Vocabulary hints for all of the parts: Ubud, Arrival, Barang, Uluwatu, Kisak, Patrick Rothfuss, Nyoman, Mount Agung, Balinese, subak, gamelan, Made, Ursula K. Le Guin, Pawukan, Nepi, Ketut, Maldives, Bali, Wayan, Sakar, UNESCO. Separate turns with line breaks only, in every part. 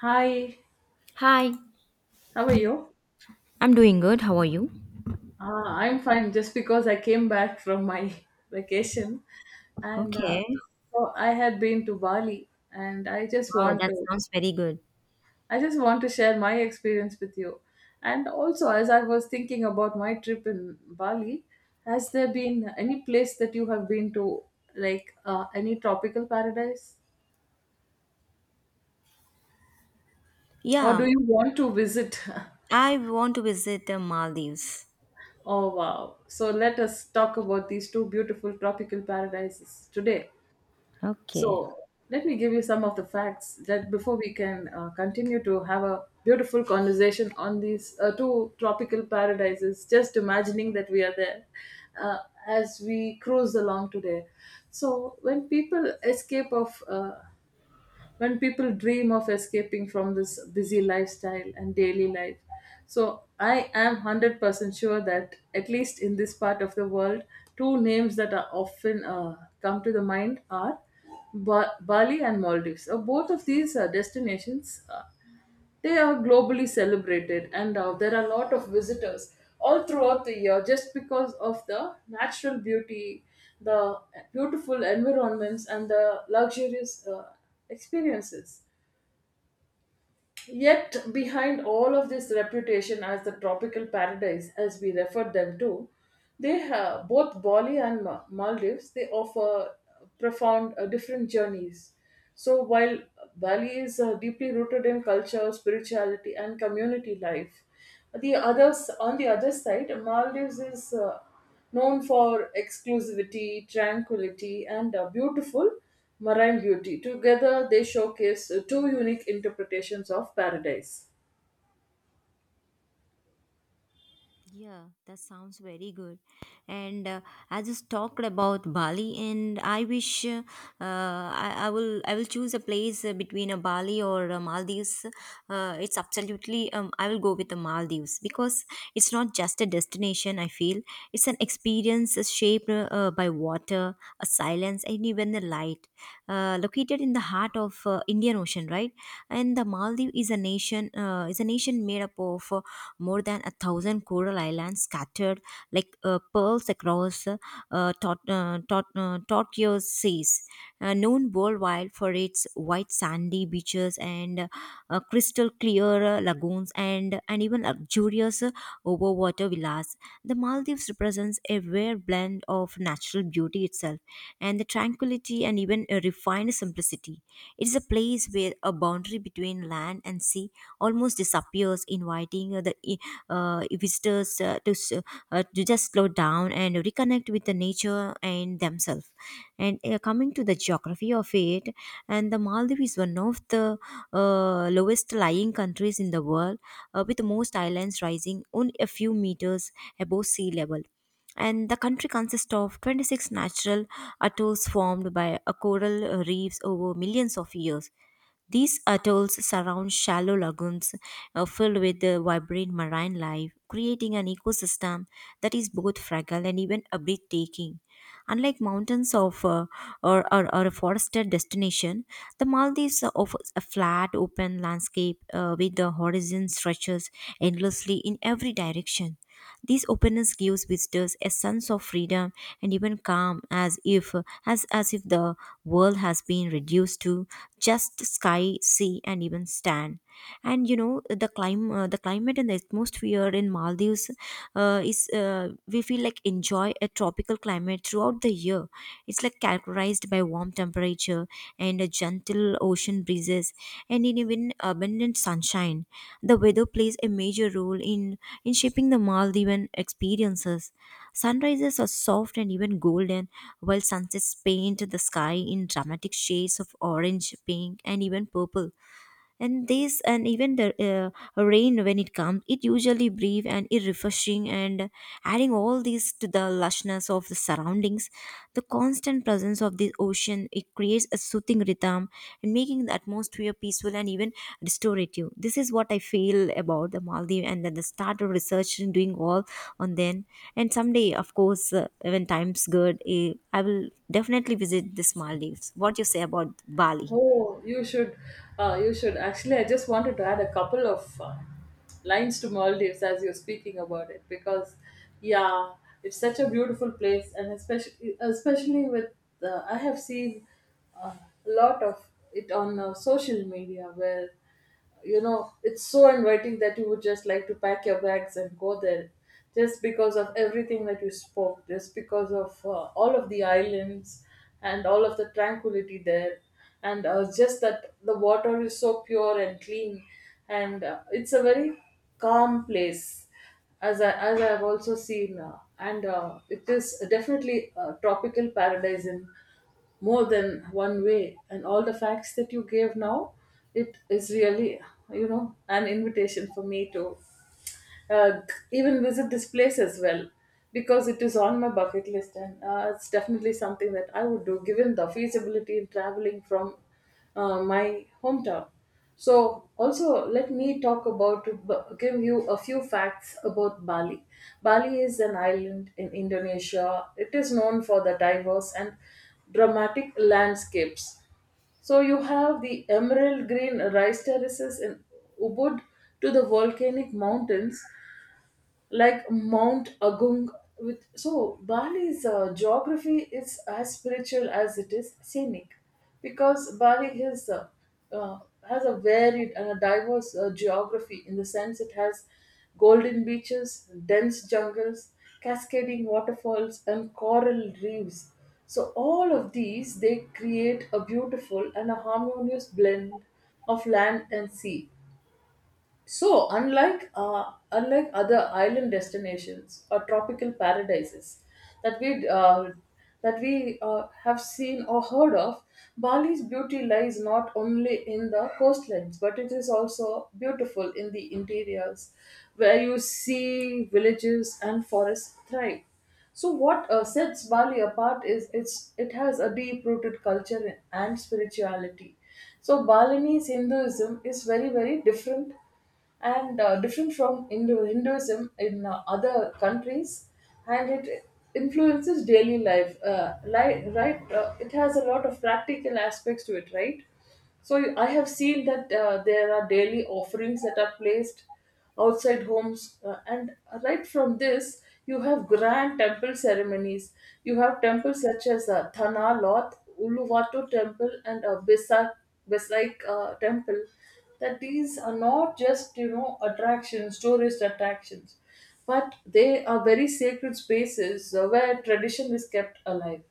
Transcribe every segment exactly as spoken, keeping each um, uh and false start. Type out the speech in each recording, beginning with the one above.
Hi,
Hi,
how are you?
I'm doing good. How are you?
Uh, I'm fine just because I came back from my vacation and uh,
Okay.
so I had been to Bali and I just
Wow,
want
that
to
sounds very good.
I just want to share my experience with you. And also, as I was thinking about my trip in Bali, has there been any place that you have been to like uh, any tropical paradise, or do
Yeah,
you want to visit?
I want to visit the Maldives.
Oh wow. So let us talk about these two beautiful tropical paradises today.
Okay.
So let me give you some of the facts that before we can uh, continue to have a beautiful conversation on these uh, two tropical paradises, just imagining that we are there, uh, as we cruise along today. So when people escape of uh, when people dream of escaping from this busy lifestyle and daily life. So I am one hundred percent sure that, at least in this part of the world, two names that are often uh, come to the mind are Ba- Bali and Maldives. Uh, both of these uh, destinations, uh, they are globally celebrated, and uh, there are a lot of visitors all throughout the year, just because of the natural beauty, the beautiful environments, and the luxurious uh, experiences. Yet, behind all of this reputation as the tropical paradise, as we refer them to, they have both Bali and Ma- Maldives. They offer profound uh, different journeys. So while Bali is uh, deeply rooted in culture, spirituality, and community life, the others on the other side, Maldives is. Uh, known for exclusivity, tranquility, and a beautiful marine beauty. Together, they showcase uh, two unique interpretations of paradise.
Yeah, that sounds very good. And uh, I just talked about Bali, and I wish uh, I, I will I will choose a place uh, between a Bali or a Maldives. Uh, it's absolutely um, I will go with the Maldives because it's not just a destination. I feel it's an experience shaped uh, uh, by water, a silence, and even the light. Uh, located in the heart of uh, Indian Ocean, right? And the Maldives is a nation uh, is a nation made up of uh, more than a thousand coral islands scattered like uh, pearls across uh, tot- uh, tot- uh, tortuous seas. Uh, known worldwide for its white sandy beaches and uh, crystal clear uh, lagoons and, and even luxurious uh, overwater villas, the Maldives represents a rare blend of natural beauty itself and the tranquility and even a refined simplicity. It is a place where a boundary between land and sea almost disappears, inviting uh, the uh, visitors uh, to, s- uh, to just slow down and reconnect with the nature and themselves. And uh, coming to the geography of it, and the Maldives is one of the uh, lowest lying countries in the world, uh, with most islands rising only a few meters above sea level, and the country consists of twenty-six natural atolls formed by a coral uh, reefs over millions of years. These atolls surround shallow lagoons uh, filled with the vibrant marine life, creating an ecosystem that is both fragile and even a breathtaking. Unlike mountains of uh, or, or, or a forested destination, the Maldives offers a flat, open landscape uh, with the horizon stretches endlessly in every direction. This openness gives visitors a sense of freedom and even calm, as if as, as if the world has been reduced to just sky, sea and even stand. And you know the clim- uh, the climate and the atmosphere in Maldives uh, is uh, we feel like enjoy a tropical climate throughout the year. It's like characterized by warm temperature and a gentle ocean breezes and in even abundant sunshine. The weather plays a major role in, in shaping the Maldivian experiences. Sunrises are soft and even golden, while sunsets paint the sky in dramatic shades of orange, pink, and even purple. And this and even the uh, rain, when it comes, it usually brief and it refreshing, and adding all this to the lushness of the surroundings, the constant presence of the ocean, it creates a soothing rhythm and making the atmosphere peaceful and even restorative. This is what I feel about the Maldives, and then the start of research and doing all on then, and someday, of course, uh, when time's good, eh, I will definitely visit this Maldives. What you say about Bali?
Oh, you should, uh, you should. Actually, I just wanted to add a couple of uh, lines to Maldives as you're speaking about it because, yeah, it's such a beautiful place, and especially, especially with, uh, I have seen uh, a lot of it on uh, social media where you know it's so inviting that you would just like to pack your bags and go there, just because of everything that you spoke, just because of uh, all of the islands and all of the tranquility there, and uh, just that the water is so pure and clean, and uh, it's a very calm place as I, as I've also seen, uh, and uh, it is definitely a tropical paradise in more than one way. And all the facts that you gave now, it is really, you know, an invitation for me to uh, even visit this place as well, because it is on my bucket list, and uh, it's definitely something that I would do given the feasibility in traveling from uh, my hometown. So, also, let me talk about give you a few facts about Bali. Bali is an island in Indonesia. It is known for the diverse and dramatic landscapes. So you have the emerald green rice terraces in Ubud to the volcanic mountains like Mount Agung. With so Bali's uh, geography is as spiritual as it is scenic, because Bali has uh, uh, has a varied and a diverse uh, geography. In the sense, it has golden beaches, dense jungles, cascading waterfalls, and coral reefs. So all of these, they create a beautiful and a harmonious blend of land and sea. So, unlike uh, unlike other island destinations or tropical paradises that we uh, that we uh, have seen or heard of, Bali's beauty lies not only in the coastlines, but it is also beautiful in the interiors, where you see villages and forests thrive. So, what uh, sets Bali apart is it's it has a deep-rooted culture and spirituality. So, Balinese Hinduism is very very different and uh, different from Hindu, Hinduism in uh, other countries, and it influences daily life. Uh, li- right, uh, it has a lot of practical aspects to it, right? So I have seen that uh, there are daily offerings that are placed outside homes, uh, and right from this, you have grand temple ceremonies. You have temples such as uh, thanaloth, Uluwatu temple, and uh, besak besaik uh, temple, that these are not just, you know, attractions, tourist attractions, but they are very sacred spaces uh, where tradition is kept alive.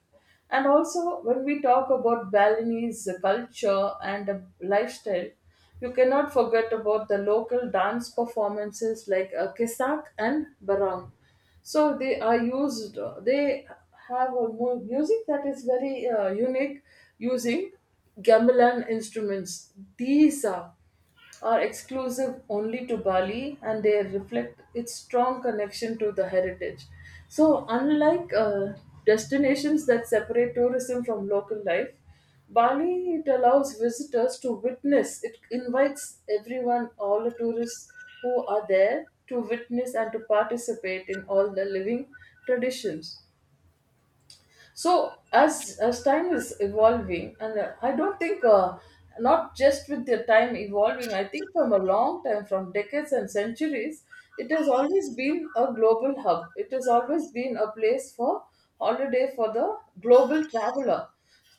And also, when we talk about Balinese culture and uh, lifestyle, you cannot forget about the local dance performances like uh, Kisak and Barang. So they are used, uh, they have a mu- music that is very uh, unique, using gamelan instruments. These are are exclusive only to Bali, and they reflect its strong connection to the heritage. So, unlike uh, destinations that separate tourism from local life, Bali, it allows visitors to witness. It invites everyone, all the tourists who are there, to witness and to participate in all the living traditions. So as as time is evolving, and uh, I don't think, uh, not just with the time evolving, I think from a long time, from decades and centuries, it has always been a global hub. It has always been a place for holiday for the global traveler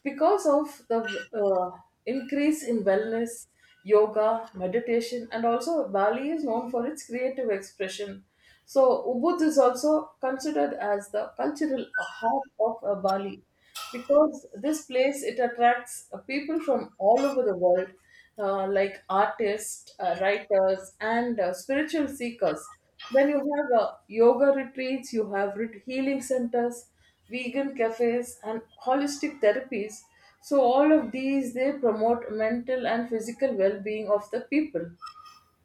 because of the uh, increase in wellness, yoga, meditation. And also Bali is known for its creative expression. So Ubud is also considered as the cultural heart of uh, Bali, because this place, it attracts uh, people from all over the world, uh, like artists, uh, writers, and uh, spiritual seekers. Then you have uh, yoga retreats, you have ret- healing centers, vegan cafes, and holistic therapies. So all of these, they promote mental and physical well-being of the people.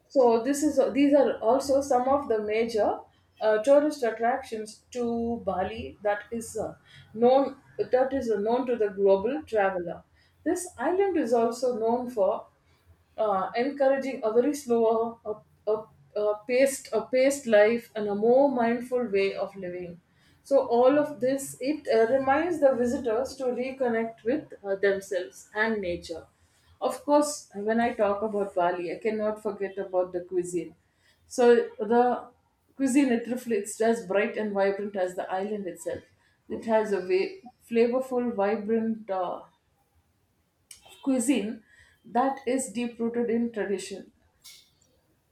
So this is these are also some of the major uh, tourist attractions to Bali that is uh, known that is known to the global traveler. This island is also known for uh, encouraging a very slower, a, a, a paced, a paced life, and a more mindful way of living. So all of this, it uh, reminds the visitors to reconnect with uh, themselves and nature. Of course, when I talk about Bali, I cannot forget about the cuisine. So the cuisine, it reflects as bright and vibrant as the island itself. It has a way, flavorful, vibrant. Uh, cuisine that is deep rooted in tradition.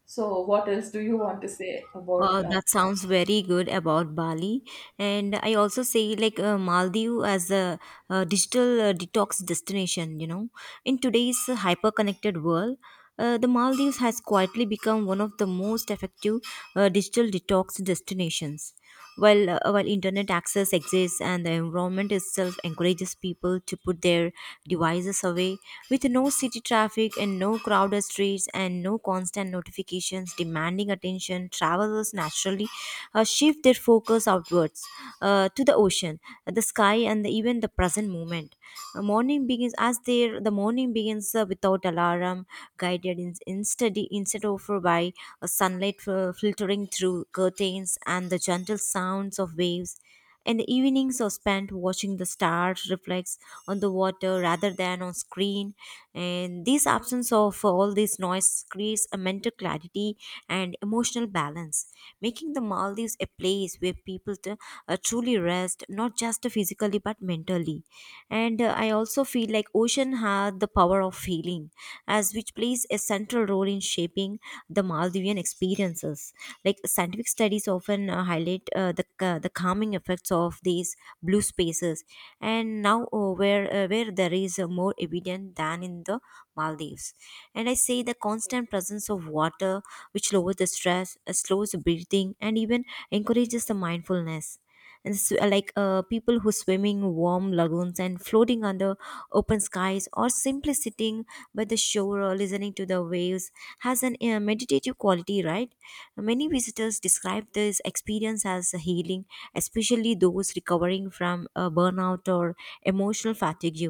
So, what else do you want to say about?
Uh,
Uh,
that sounds very good about Bali. And I also say like uh, Maldives as a uh digital uh, detox destination, you know. In today's hyper-connected world, uh, the Maldives has quietly become one of the most effective uh, digital detox destinations. While, uh, while internet access exists and the environment itself encourages people to put their devices away, with no city traffic and no crowded streets and no constant notifications demanding attention, travelers naturally uh, shift their focus outwards uh, to the ocean, the sky, and the, even the present moment. Uh, morning begins as there. The morning begins uh, without alarm, guided in, instead instead of uh, by uh, sunlight uh, filtering through curtains, and the gentle sounds of waves. And the evenings are spent watching the stars reflects on the water rather than on screen. And this absence of all this noise creates a mental clarity and emotional balance, making the Maldives a place where people t- uh, truly rest, not just physically but mentally. And uh, I also feel like ocean had the power of healing, as which plays a central role in shaping the Maldivian experiences. Like scientific studies often uh, highlight uh, the ca- the calming effects of these blue spaces, and now uh, where uh, where there is uh, more evident than in the Maldives. And I say the constant presence of water, which lowers the stress, uh, slows breathing, and even encourages the mindfulness and s- uh, like uh, people who swimming warm lagoons and floating under open skies or simply sitting by the shore or listening to the waves has an uh, meditative quality, right? Many visitors describe this experience as healing, especially those recovering from uh, burnout or emotional fatigue.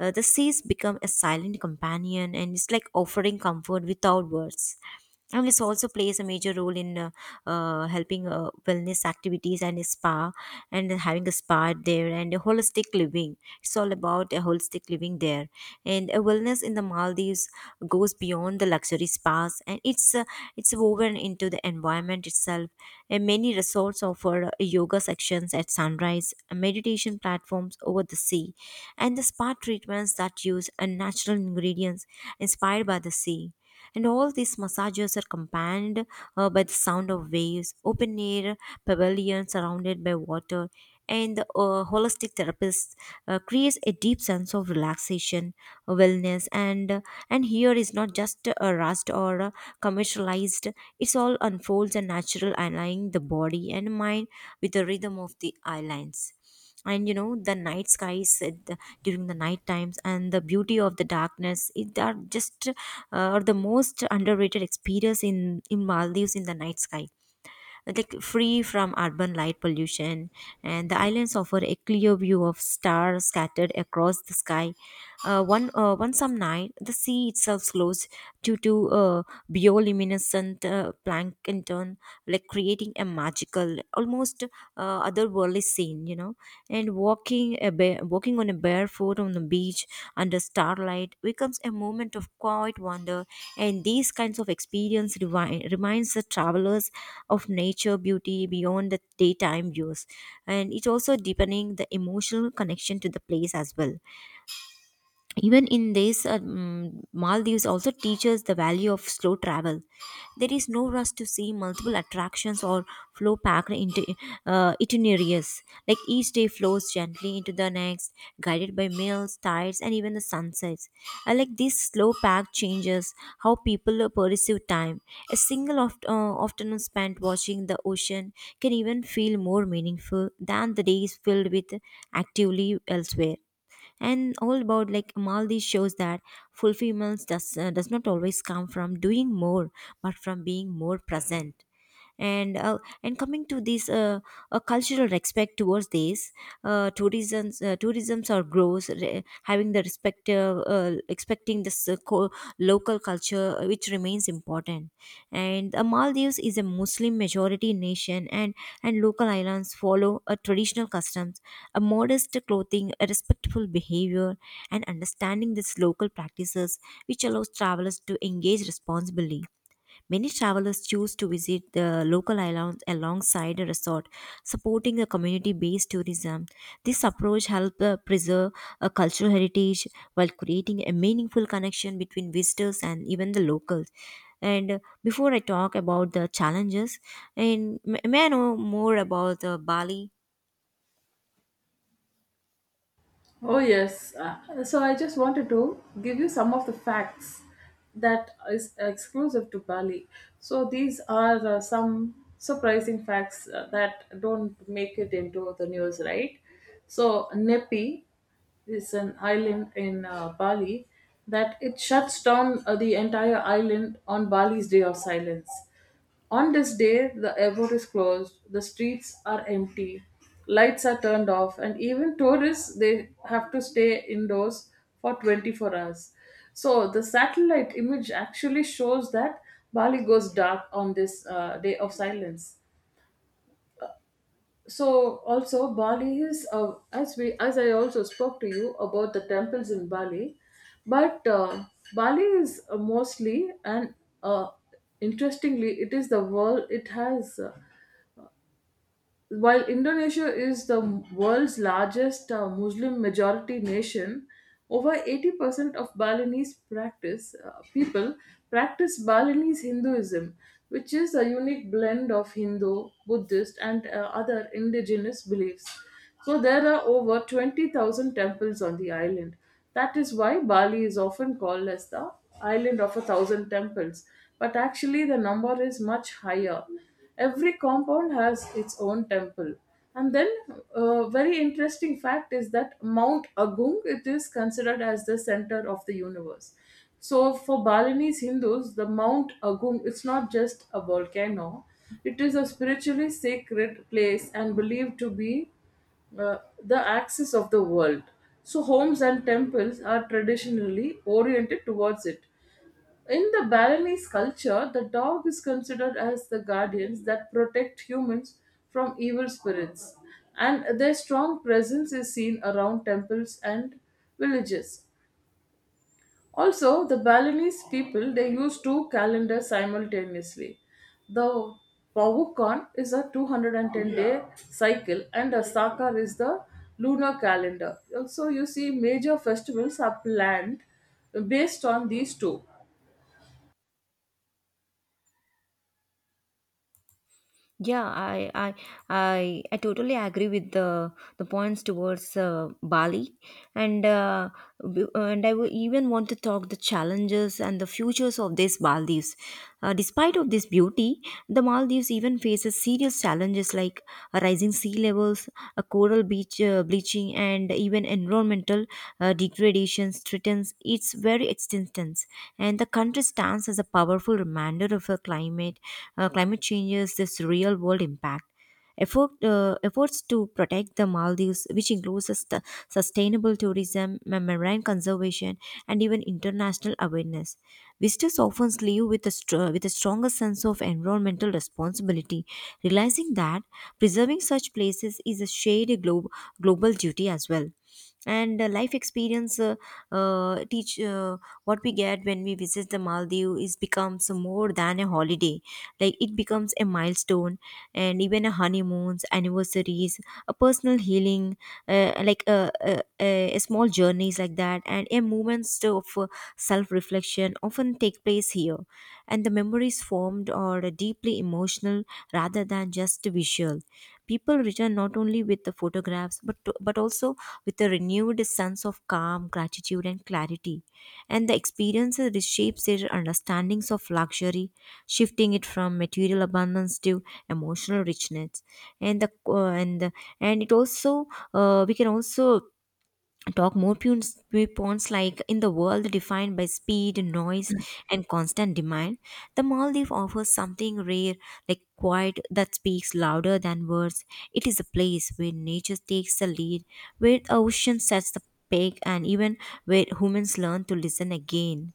uh, The seas become a silent companion, and it's like offering comfort without words, and this also plays a major role in uh, uh, helping uh, wellness activities and a spa, and having a spa there, and a holistic living. It's all about a holistic living there, and a wellness in the Maldives goes beyond the luxury spas, and it's uh, it's woven into the environment itself, and many resorts offer uh, yoga sections at sunrise, meditation platforms over the sea, and the spa treatments that use uh, natural ingredients inspired by the sea, and all these massages are compounded uh, by the sound of waves, open air pavilions surrounded by water, and the uh, holistic therapist uh, creates a deep sense of relaxation, uh, wellness, and and here is not just a rushed or uh, commercialized. It's all unfolds and natural, aligning the body and mind with the rhythm of the islands. And you know, the night skies at the, during the night times and the beauty of the darkness, it are just uh, are the most underrated experience in in Maldives. In the night sky, like free from urban light pollution, and the islands offer a clear view of stars scattered across the sky. Uh, one uh, one some night the sea itself glows due to uh, bioluminescent uh, plankton, like creating a magical, almost uh, otherworldly scene, you know. And walking a bare, walking on a barefoot on the beach under starlight becomes a moment of quiet wonder, and these kinds of experience rewi- reminds the travelers of nature beauty beyond the daytime views, and it's also deepening the emotional connection to the place as well. Even in this um, Maldives also teaches the value of slow travel. There is no rush to see multiple attractions or flow packed into uh, itineraries. Like each day flows gently into the next, guided by meals, tides, and even the sunsets. I like these slow packed changes how people uh, perceive time. A single oft- uh, afternoon spent watching the ocean can even feel more meaningful than the days filled with actively elsewhere. And all about like Maldives shows that fulfillment does uh, does not always come from doing more, but from being more present. And uh, and coming to this uh, uh, cultural respect towards this uh, tourism's uh, tourism's or grows re- having the respect, uh, uh, expecting this uh, co- local culture, uh, which remains important. And uh, Maldives is a Muslim majority nation, and and local islands follow a traditional customs, a modest clothing, a respectful behavior, and understanding these local practices, which allows travelers to engage responsibly. Many travelers choose to visit the local islands alongside a resort, supporting the community based tourism. This approach helps uh, preserve a cultural heritage while creating a meaningful connection between visitors and even the locals. And uh, before I talk about the challenges, and m- may I know more about uh, Bali?
Oh, yes. Uh, so I just wanted to give you some of the facts that is exclusive to Bali. So these are uh, some surprising facts uh, that don't make it into the news, right? So Nepi is an island in uh, Bali that it shuts down uh, the entire island on Bali's day of silence. On this day, the airport is closed, the streets are empty, lights are turned off, and even tourists, they have to stay indoors for twenty-four hours. So the satellite image actually shows that Bali goes dark on this uh, day of silence. So also, Bali is uh, as we as I also spoke to you about the temples in Bali, but uh, Bali is uh, mostly and uh, interestingly, it is the world it has. Uh, while Indonesia is the world's largest uh, Muslim majority nation, over eighty percent of Balinese practice uh, people practice Balinese Hinduism, which is a unique blend of Hindu, Buddhist, and uh, other indigenous beliefs. So there are over twenty thousand temples on the island. That is why Bali is often called as the island of a thousand temples, but actually the number is much higher. Every compound has its own temple. And then, a very interesting fact is that Mount Agung, it is considered as the center of the universe. So for Balinese Hindus, the Mount Agung, it's not just a volcano; it is a spiritually sacred place and believed to be uh, the axis of the world. So, homes and temples are traditionally oriented towards it. In the Balinese culture, the dog is considered as the guardians that protect humans from evil spirits, and their strong presence is seen around temples and villages. Also, the Balinese people, they use two calendars simultaneously. The Pawukan is a two hundred ten day cycle, and the Sakar is the lunar calendar. Also, you see major festivals are planned based on these two.
Yeah, I I I, I totally agree with the the points towards uh, Bali, and uh, b- and I w- even want to talk the challenges and the futures of these Maldives. Uh, despite of this beauty, the Maldives even faces serious challenges like rising sea levels, a coral beach uh, bleaching, and even environmental uh, degradation threatens its very existence. And the country stands as a powerful reminder of a climate uh, climate changes this real world impact. Effort, uh, efforts to protect the Maldives, which includes sust- sustainable tourism, ma- marine conservation, and even international awareness. Visitors often leave with a, str- with a stronger sense of environmental responsibility, realizing that preserving such places is a shared glo- global duty as well. And uh, life experience, uh, uh, teach uh, what we get when we visit the Maldives is becomes more than a holiday. Like it becomes a milestone and even a honeymoons anniversaries, a personal healing, uh, like a, a, a a small journeys like that, and a moments of uh, self-reflection often take place here. And the memories formed are deeply emotional rather than just visual. People return not only with the photographs, but but also with a renewed sense of calm, gratitude, and clarity. And the experiences reshapes their understandings of luxury, shifting it from material abundance to emotional richness. And the uh, and the, and it also, uh, we can also talk more points, points like in the world defined by speed, noise, and constant demand. The Maldives offers something rare, like quiet that speaks louder than words. It is a place where nature takes the lead, where the ocean sets the peg, and even where humans learn to listen again.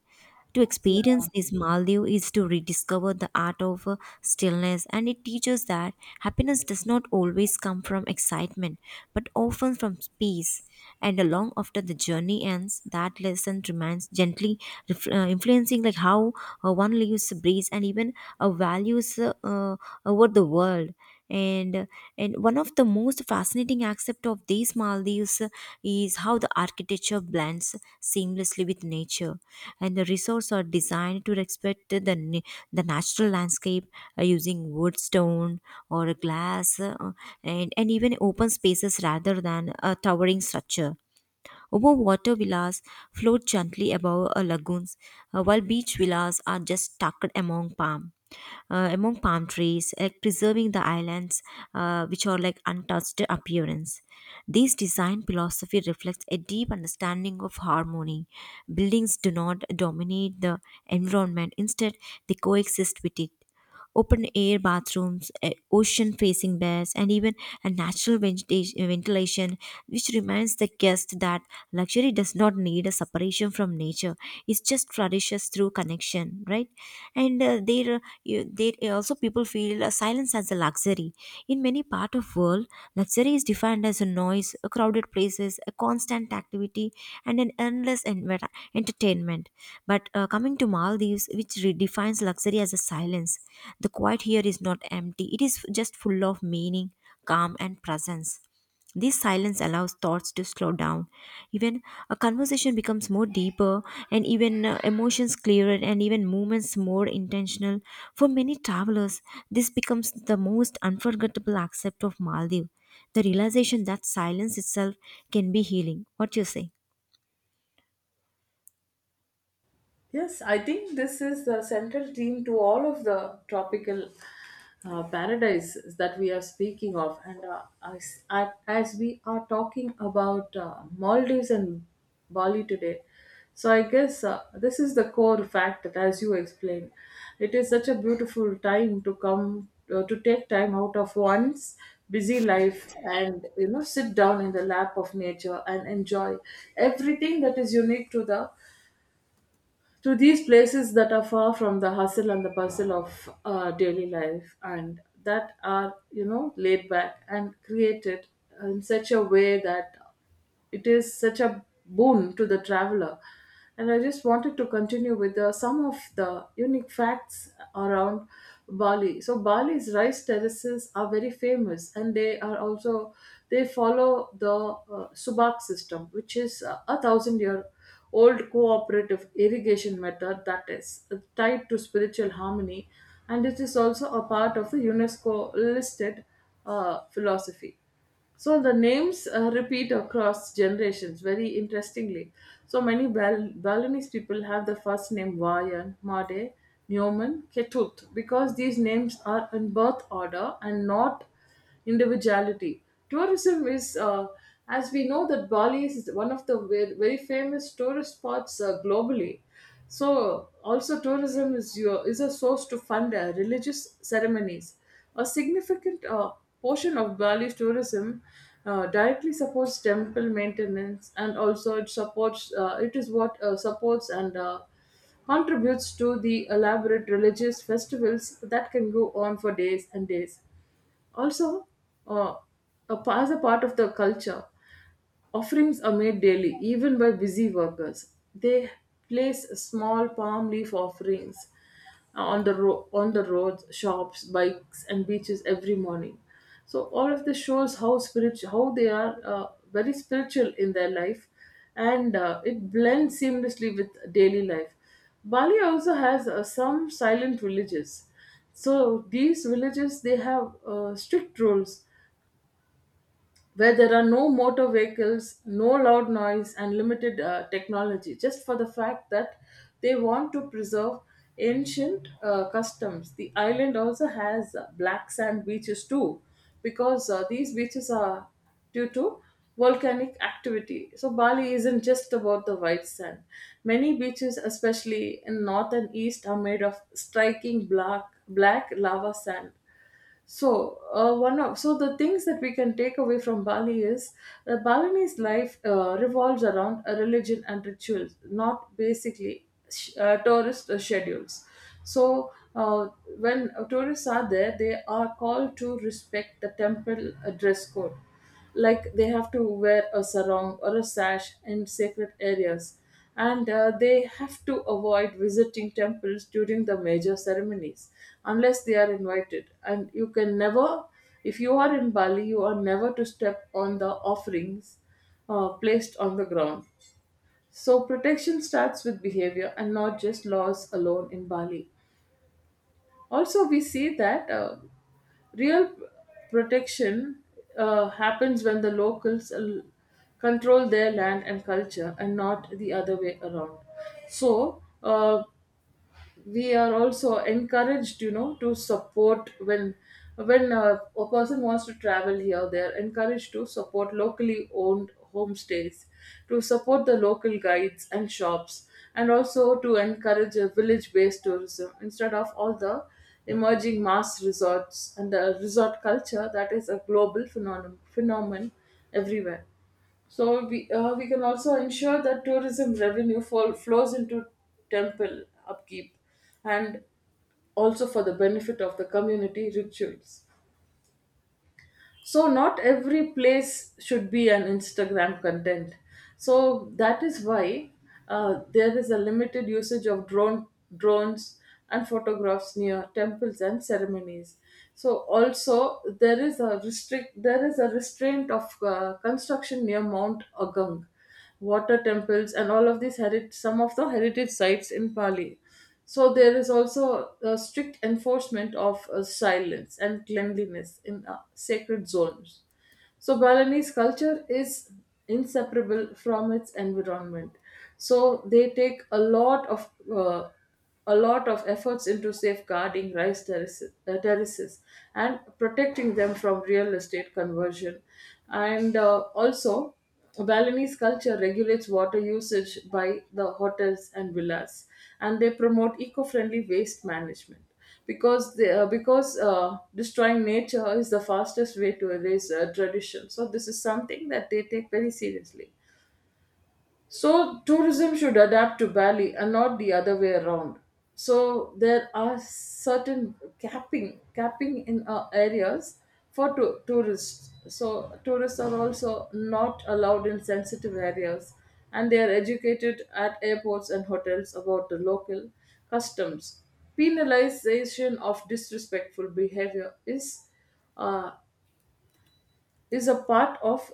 To experience this Maldive is to rediscover the art of uh, stillness, and it teaches that happiness does not always come from excitement, but often from peace. And long after the journey ends, that lesson remains gently ref- uh, influencing like how uh, one lives, breathes, and even uh, values uh, uh, over the world. And and one of the most fascinating aspects of these Maldives uh, is how the architecture blends seamlessly with nature. And the resorts are designed to respect the na- the natural landscape, uh, using wood, stone, or glass, uh, and and even open spaces rather than a towering structure. Over water villas float gently above uh, lagoons, uh, while beach villas are just tucked among palm. Uh, among palm trees, like preserving the islands, uh, which are like untouched appearance. This design philosophy reflects a deep understanding of harmony. Buildings do not dominate the environment; instead, they coexist with it. Open air bathrooms, ocean facing beds, and even a natural ventila- ventilation which reminds the guest that luxury does not need a separation from nature. It just flourishes through connection, right? And uh, there, uh, you- there also people feel uh, silence as a luxury. In many part of world, luxury is defined as a noise, a crowded places, a constant activity, and an endless enver- entertainment. But uh, coming to Maldives, which redefines luxury as a silence, the quiet here is not empty. It is just full of meaning, calm, and presence. This silence allows thoughts to slow down. Even a conversation becomes more deeper, and even uh, emotions clearer, and even movements more intentional. For many travelers, this becomes the most unforgettable aspect of Maldives, the realization that silence itself can be healing. What do you say?
Yes, I think this is the central theme to all of the tropical uh, paradises that we are speaking of. And uh, as, at- as we are talking about uh, Maldives and Bali today, so I guess uh, this is the core fact that, as you explained, it is such a beautiful time to come uh, to take time out of one's busy life and you know sit down in the lap of nature and enjoy everything that is unique to the to these places that are far from the hustle and the bustle of uh, daily life and that are you know laid back and created in such a way that it is such a boon to the traveler. And I just wanted to continue with uh, some of the unique facts around Bali. So Bali's rice terraces are very famous, and they are also they follow the uh, subak system, which is uh, a thousand year old cooperative irrigation method that is tied to spiritual harmony, and it is also a part of the UNESCO listed uh, philosophy. So the names uh, repeat across generations very interestingly. So many Bal- Balinese people have the first name Wayan, Made, Nyoman, Ketut because these names are in birth order and not individuality. Tourism is, uh, as we know, that Bali is one of the ve- very famous tourist spots uh, globally. So, also, tourism is your is a source to fund uh, religious ceremonies. A significant uh, portion of Bali's tourism uh, directly supports temple maintenance, and also it supports uh, it is what uh, supports and uh, contributes to the elaborate religious festivals that can go on for days and days. Also, uh, a, as a part of the culture, offerings are made daily, even by busy workers. They place small palm leaf offerings on the ro- on the roads, shops, bikes, and beaches every morning. So all of this shows how spiritual, how they are, uh, very spiritual in their life, and uh, it blends seamlessly with daily life. Bali also has uh, some silent villages. So these villages, they have uh, strict rules where there are no motor vehicles, no loud noise, and limited uh, technology, just for the fact that they want to preserve ancient uh, customs. The island also has uh, black sand beaches too, because uh, these beaches are due to volcanic activity. So Bali isn't just about the white sand. Many beaches, especially in north and east, are made of striking black black lava sand. So uh, one of so the things that we can take away from Bali is, uh, Balinese life uh, revolves around a religion and rituals, not basically sh- uh, tourist uh, schedules. So uh, when tourists are there, they are called to respect the temple uh, dress code, like they have to wear a sarong or a sash in sacred areas, and uh, they have to avoid visiting temples during the major ceremonies unless they are invited. And you can never, if you are in Bali, you are never to step on the offerings uh, placed on the ground. So protection starts with behavior and not just laws alone in Bali. Also, we see that, uh, real protection uh, happens when the locals l- control their land and culture, and not the other way around. So uh, we are also encouraged, you know to support, when when uh, a person wants to travel here, they are encouraged to support locally owned homestays, to support the local guides and shops, and also to encourage a village based tourism instead of all the emerging mass resorts and the resort culture that is a global phenomenon phenomenon everywhere. So we, uh, we can also ensure that tourism revenue fall, flows into temple upkeep and also for the benefit of the community rituals. So not every place should be an Instagram content. So that is why uh, there is a limited usage of drone drones and photographs near temples and ceremonies. So also there is a restrict there is a restraint of uh, construction near Mount Agung, water temples, and all of these herit, some of the heritage sites in Pali. So there is also a strict enforcement of uh, silence and cleanliness in uh, sacred zones. So Balinese culture is inseparable from its environment. So they take a lot of uh, a lot of efforts into safeguarding rice terraces, uh, terraces and protecting them from real estate conversion. And uh, also, Balinese culture regulates water usage by the hotels and villas, and they promote eco-friendly waste management, because they, uh, because uh, destroying nature is the fastest way to erase uh, tradition. So this is something that they take very seriously. So tourism should adapt to Bali and not the other way around. So there are certain capping capping in uh, areas for to- tourists. So tourists are also not allowed in sensitive areas, and they are educated at airports and hotels about the local customs. Penalization of disrespectful behavior is, uh, is a part of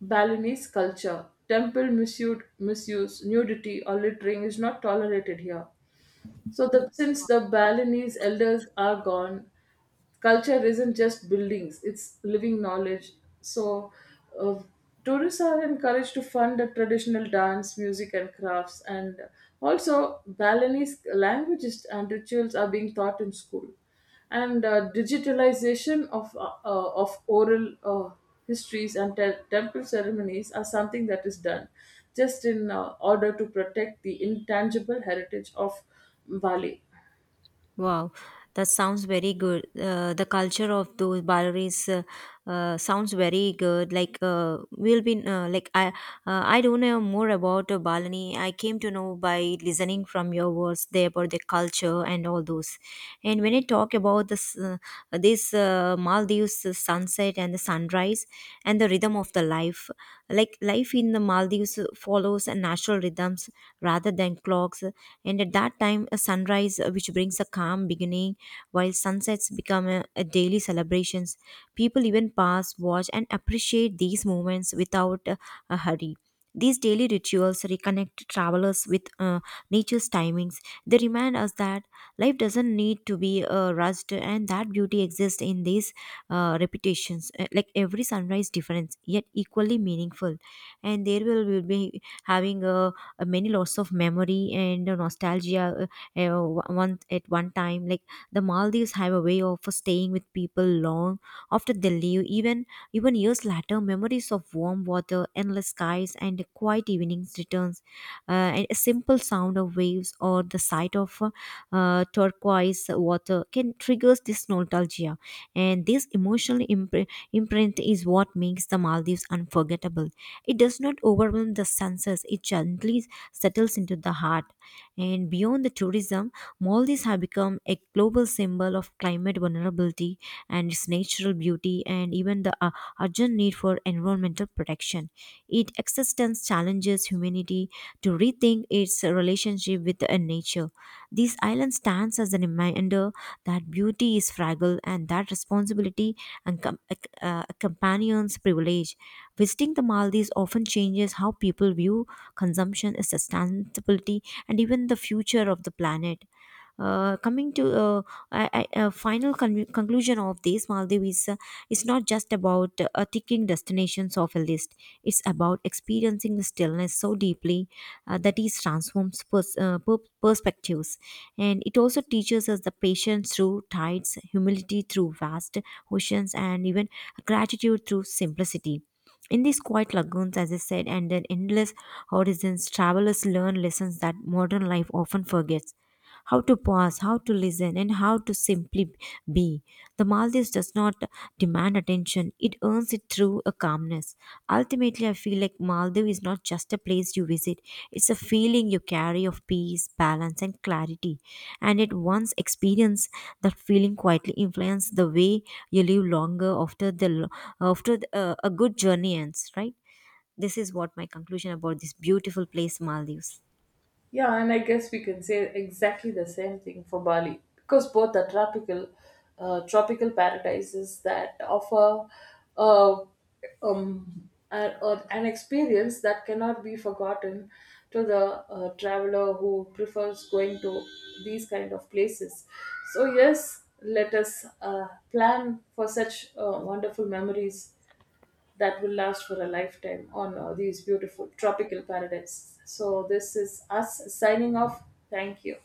Balinese culture. Temple misuse, misuse, nudity, or littering is not tolerated here. So, the, since the Balinese elders are gone, culture isn't just buildings, it's living knowledge. So uh, tourists are encouraged to fund the traditional dance, music and crafts. And also, Balinese languages and rituals are being taught in school, and uh, digitalization of uh, uh, of oral uh, histories and te- temple ceremonies are something that is done just in uh, order to protect the intangible heritage of Bali.
Wow, that sounds very good. Uh, the culture of those ballerines uh, uh, sounds very good. Like uh, we'll be uh, like I uh, I don't know more about uh, Balani. I came to know by listening from your words there about the culture and all those. And when I talk about this uh, this uh, Maldives sunset and the sunrise and the rhythm of the life, like life in the Maldives Greece follows natural rhythms rather than clocks. And at that time, a sunrise uh, which brings a calm beginning, while sunsets become a, a daily celebrations. People even pass, watch, and appreciate these moments without uh, a hurry. These daily rituals reconnect travelers with uh, nature's timings. They remind us that life doesn't need to be uh, rushed, and that beauty exists in these uh, repetitions. Uh, Like every sunrise difference, yet equally meaningful. And there will will be having uh, a many lots of memory and uh, nostalgia, uh, uh, one at one time. Like the Maldives have a way of staying with people long after they leave. Even even years later, memories of warm water, endless skies, and quiet evenings returns. Uh, and a simple sound of waves or the sight of uh, uh, turquoise water can triggers this nostalgia. And this emotional impre- imprint is what makes the Maldives unforgettable. It does not overwhelm the senses, it gently settles into the heart. And beyond the tourism, Maldives have become a global symbol of climate vulnerability and its natural beauty, and even the uh, urgent need for environmental protection. Its existence challenges humanity to rethink its relationship with uh, nature. This island stands as a reminder that beauty is fragile and that responsibility and com- ac- uh, accompanies privilege. Visiting the Maldives often changes how people view consumption, sustainability, and even the future of the planet. Uh, coming to uh, I, I, a, final con- conclusion of this, Maldives is, uh, is not just about uh, ticking destinations off a list. It's about experiencing the stillness so deeply uh, that it transforms pers- uh, per- perspectives. And it also teaches us the patience through tides, humility through vast oceans, and even gratitude through simplicity. In these quiet lagoons, as I said, and their endless horizons, travelers learn lessons that modern life often forgets: how to pause, how to listen, and how to simply be. The Maldives does not demand attention, it earns it through a calmness. Ultimately, I feel like Maldives is not just a place you visit, it's a feeling you carry of peace, balance, and clarity. And it once experience that feeling quietly influences the way you live longer after, the, lo- after the, uh, a good journey ends, right? This is what my conclusion about this beautiful place, Maldives.
Yeah, and I guess we can say exactly the same thing for Bali, because both are tropical, uh, tropical paradises that offer uh, um, a, a- an experience that cannot be forgotten to the uh, traveler who prefers going to these kind of places. So yes, let us uh, plan for such uh, wonderful memories that will last for a lifetime on uh, these beautiful tropical paradise. So, this is us signing off. Thank you.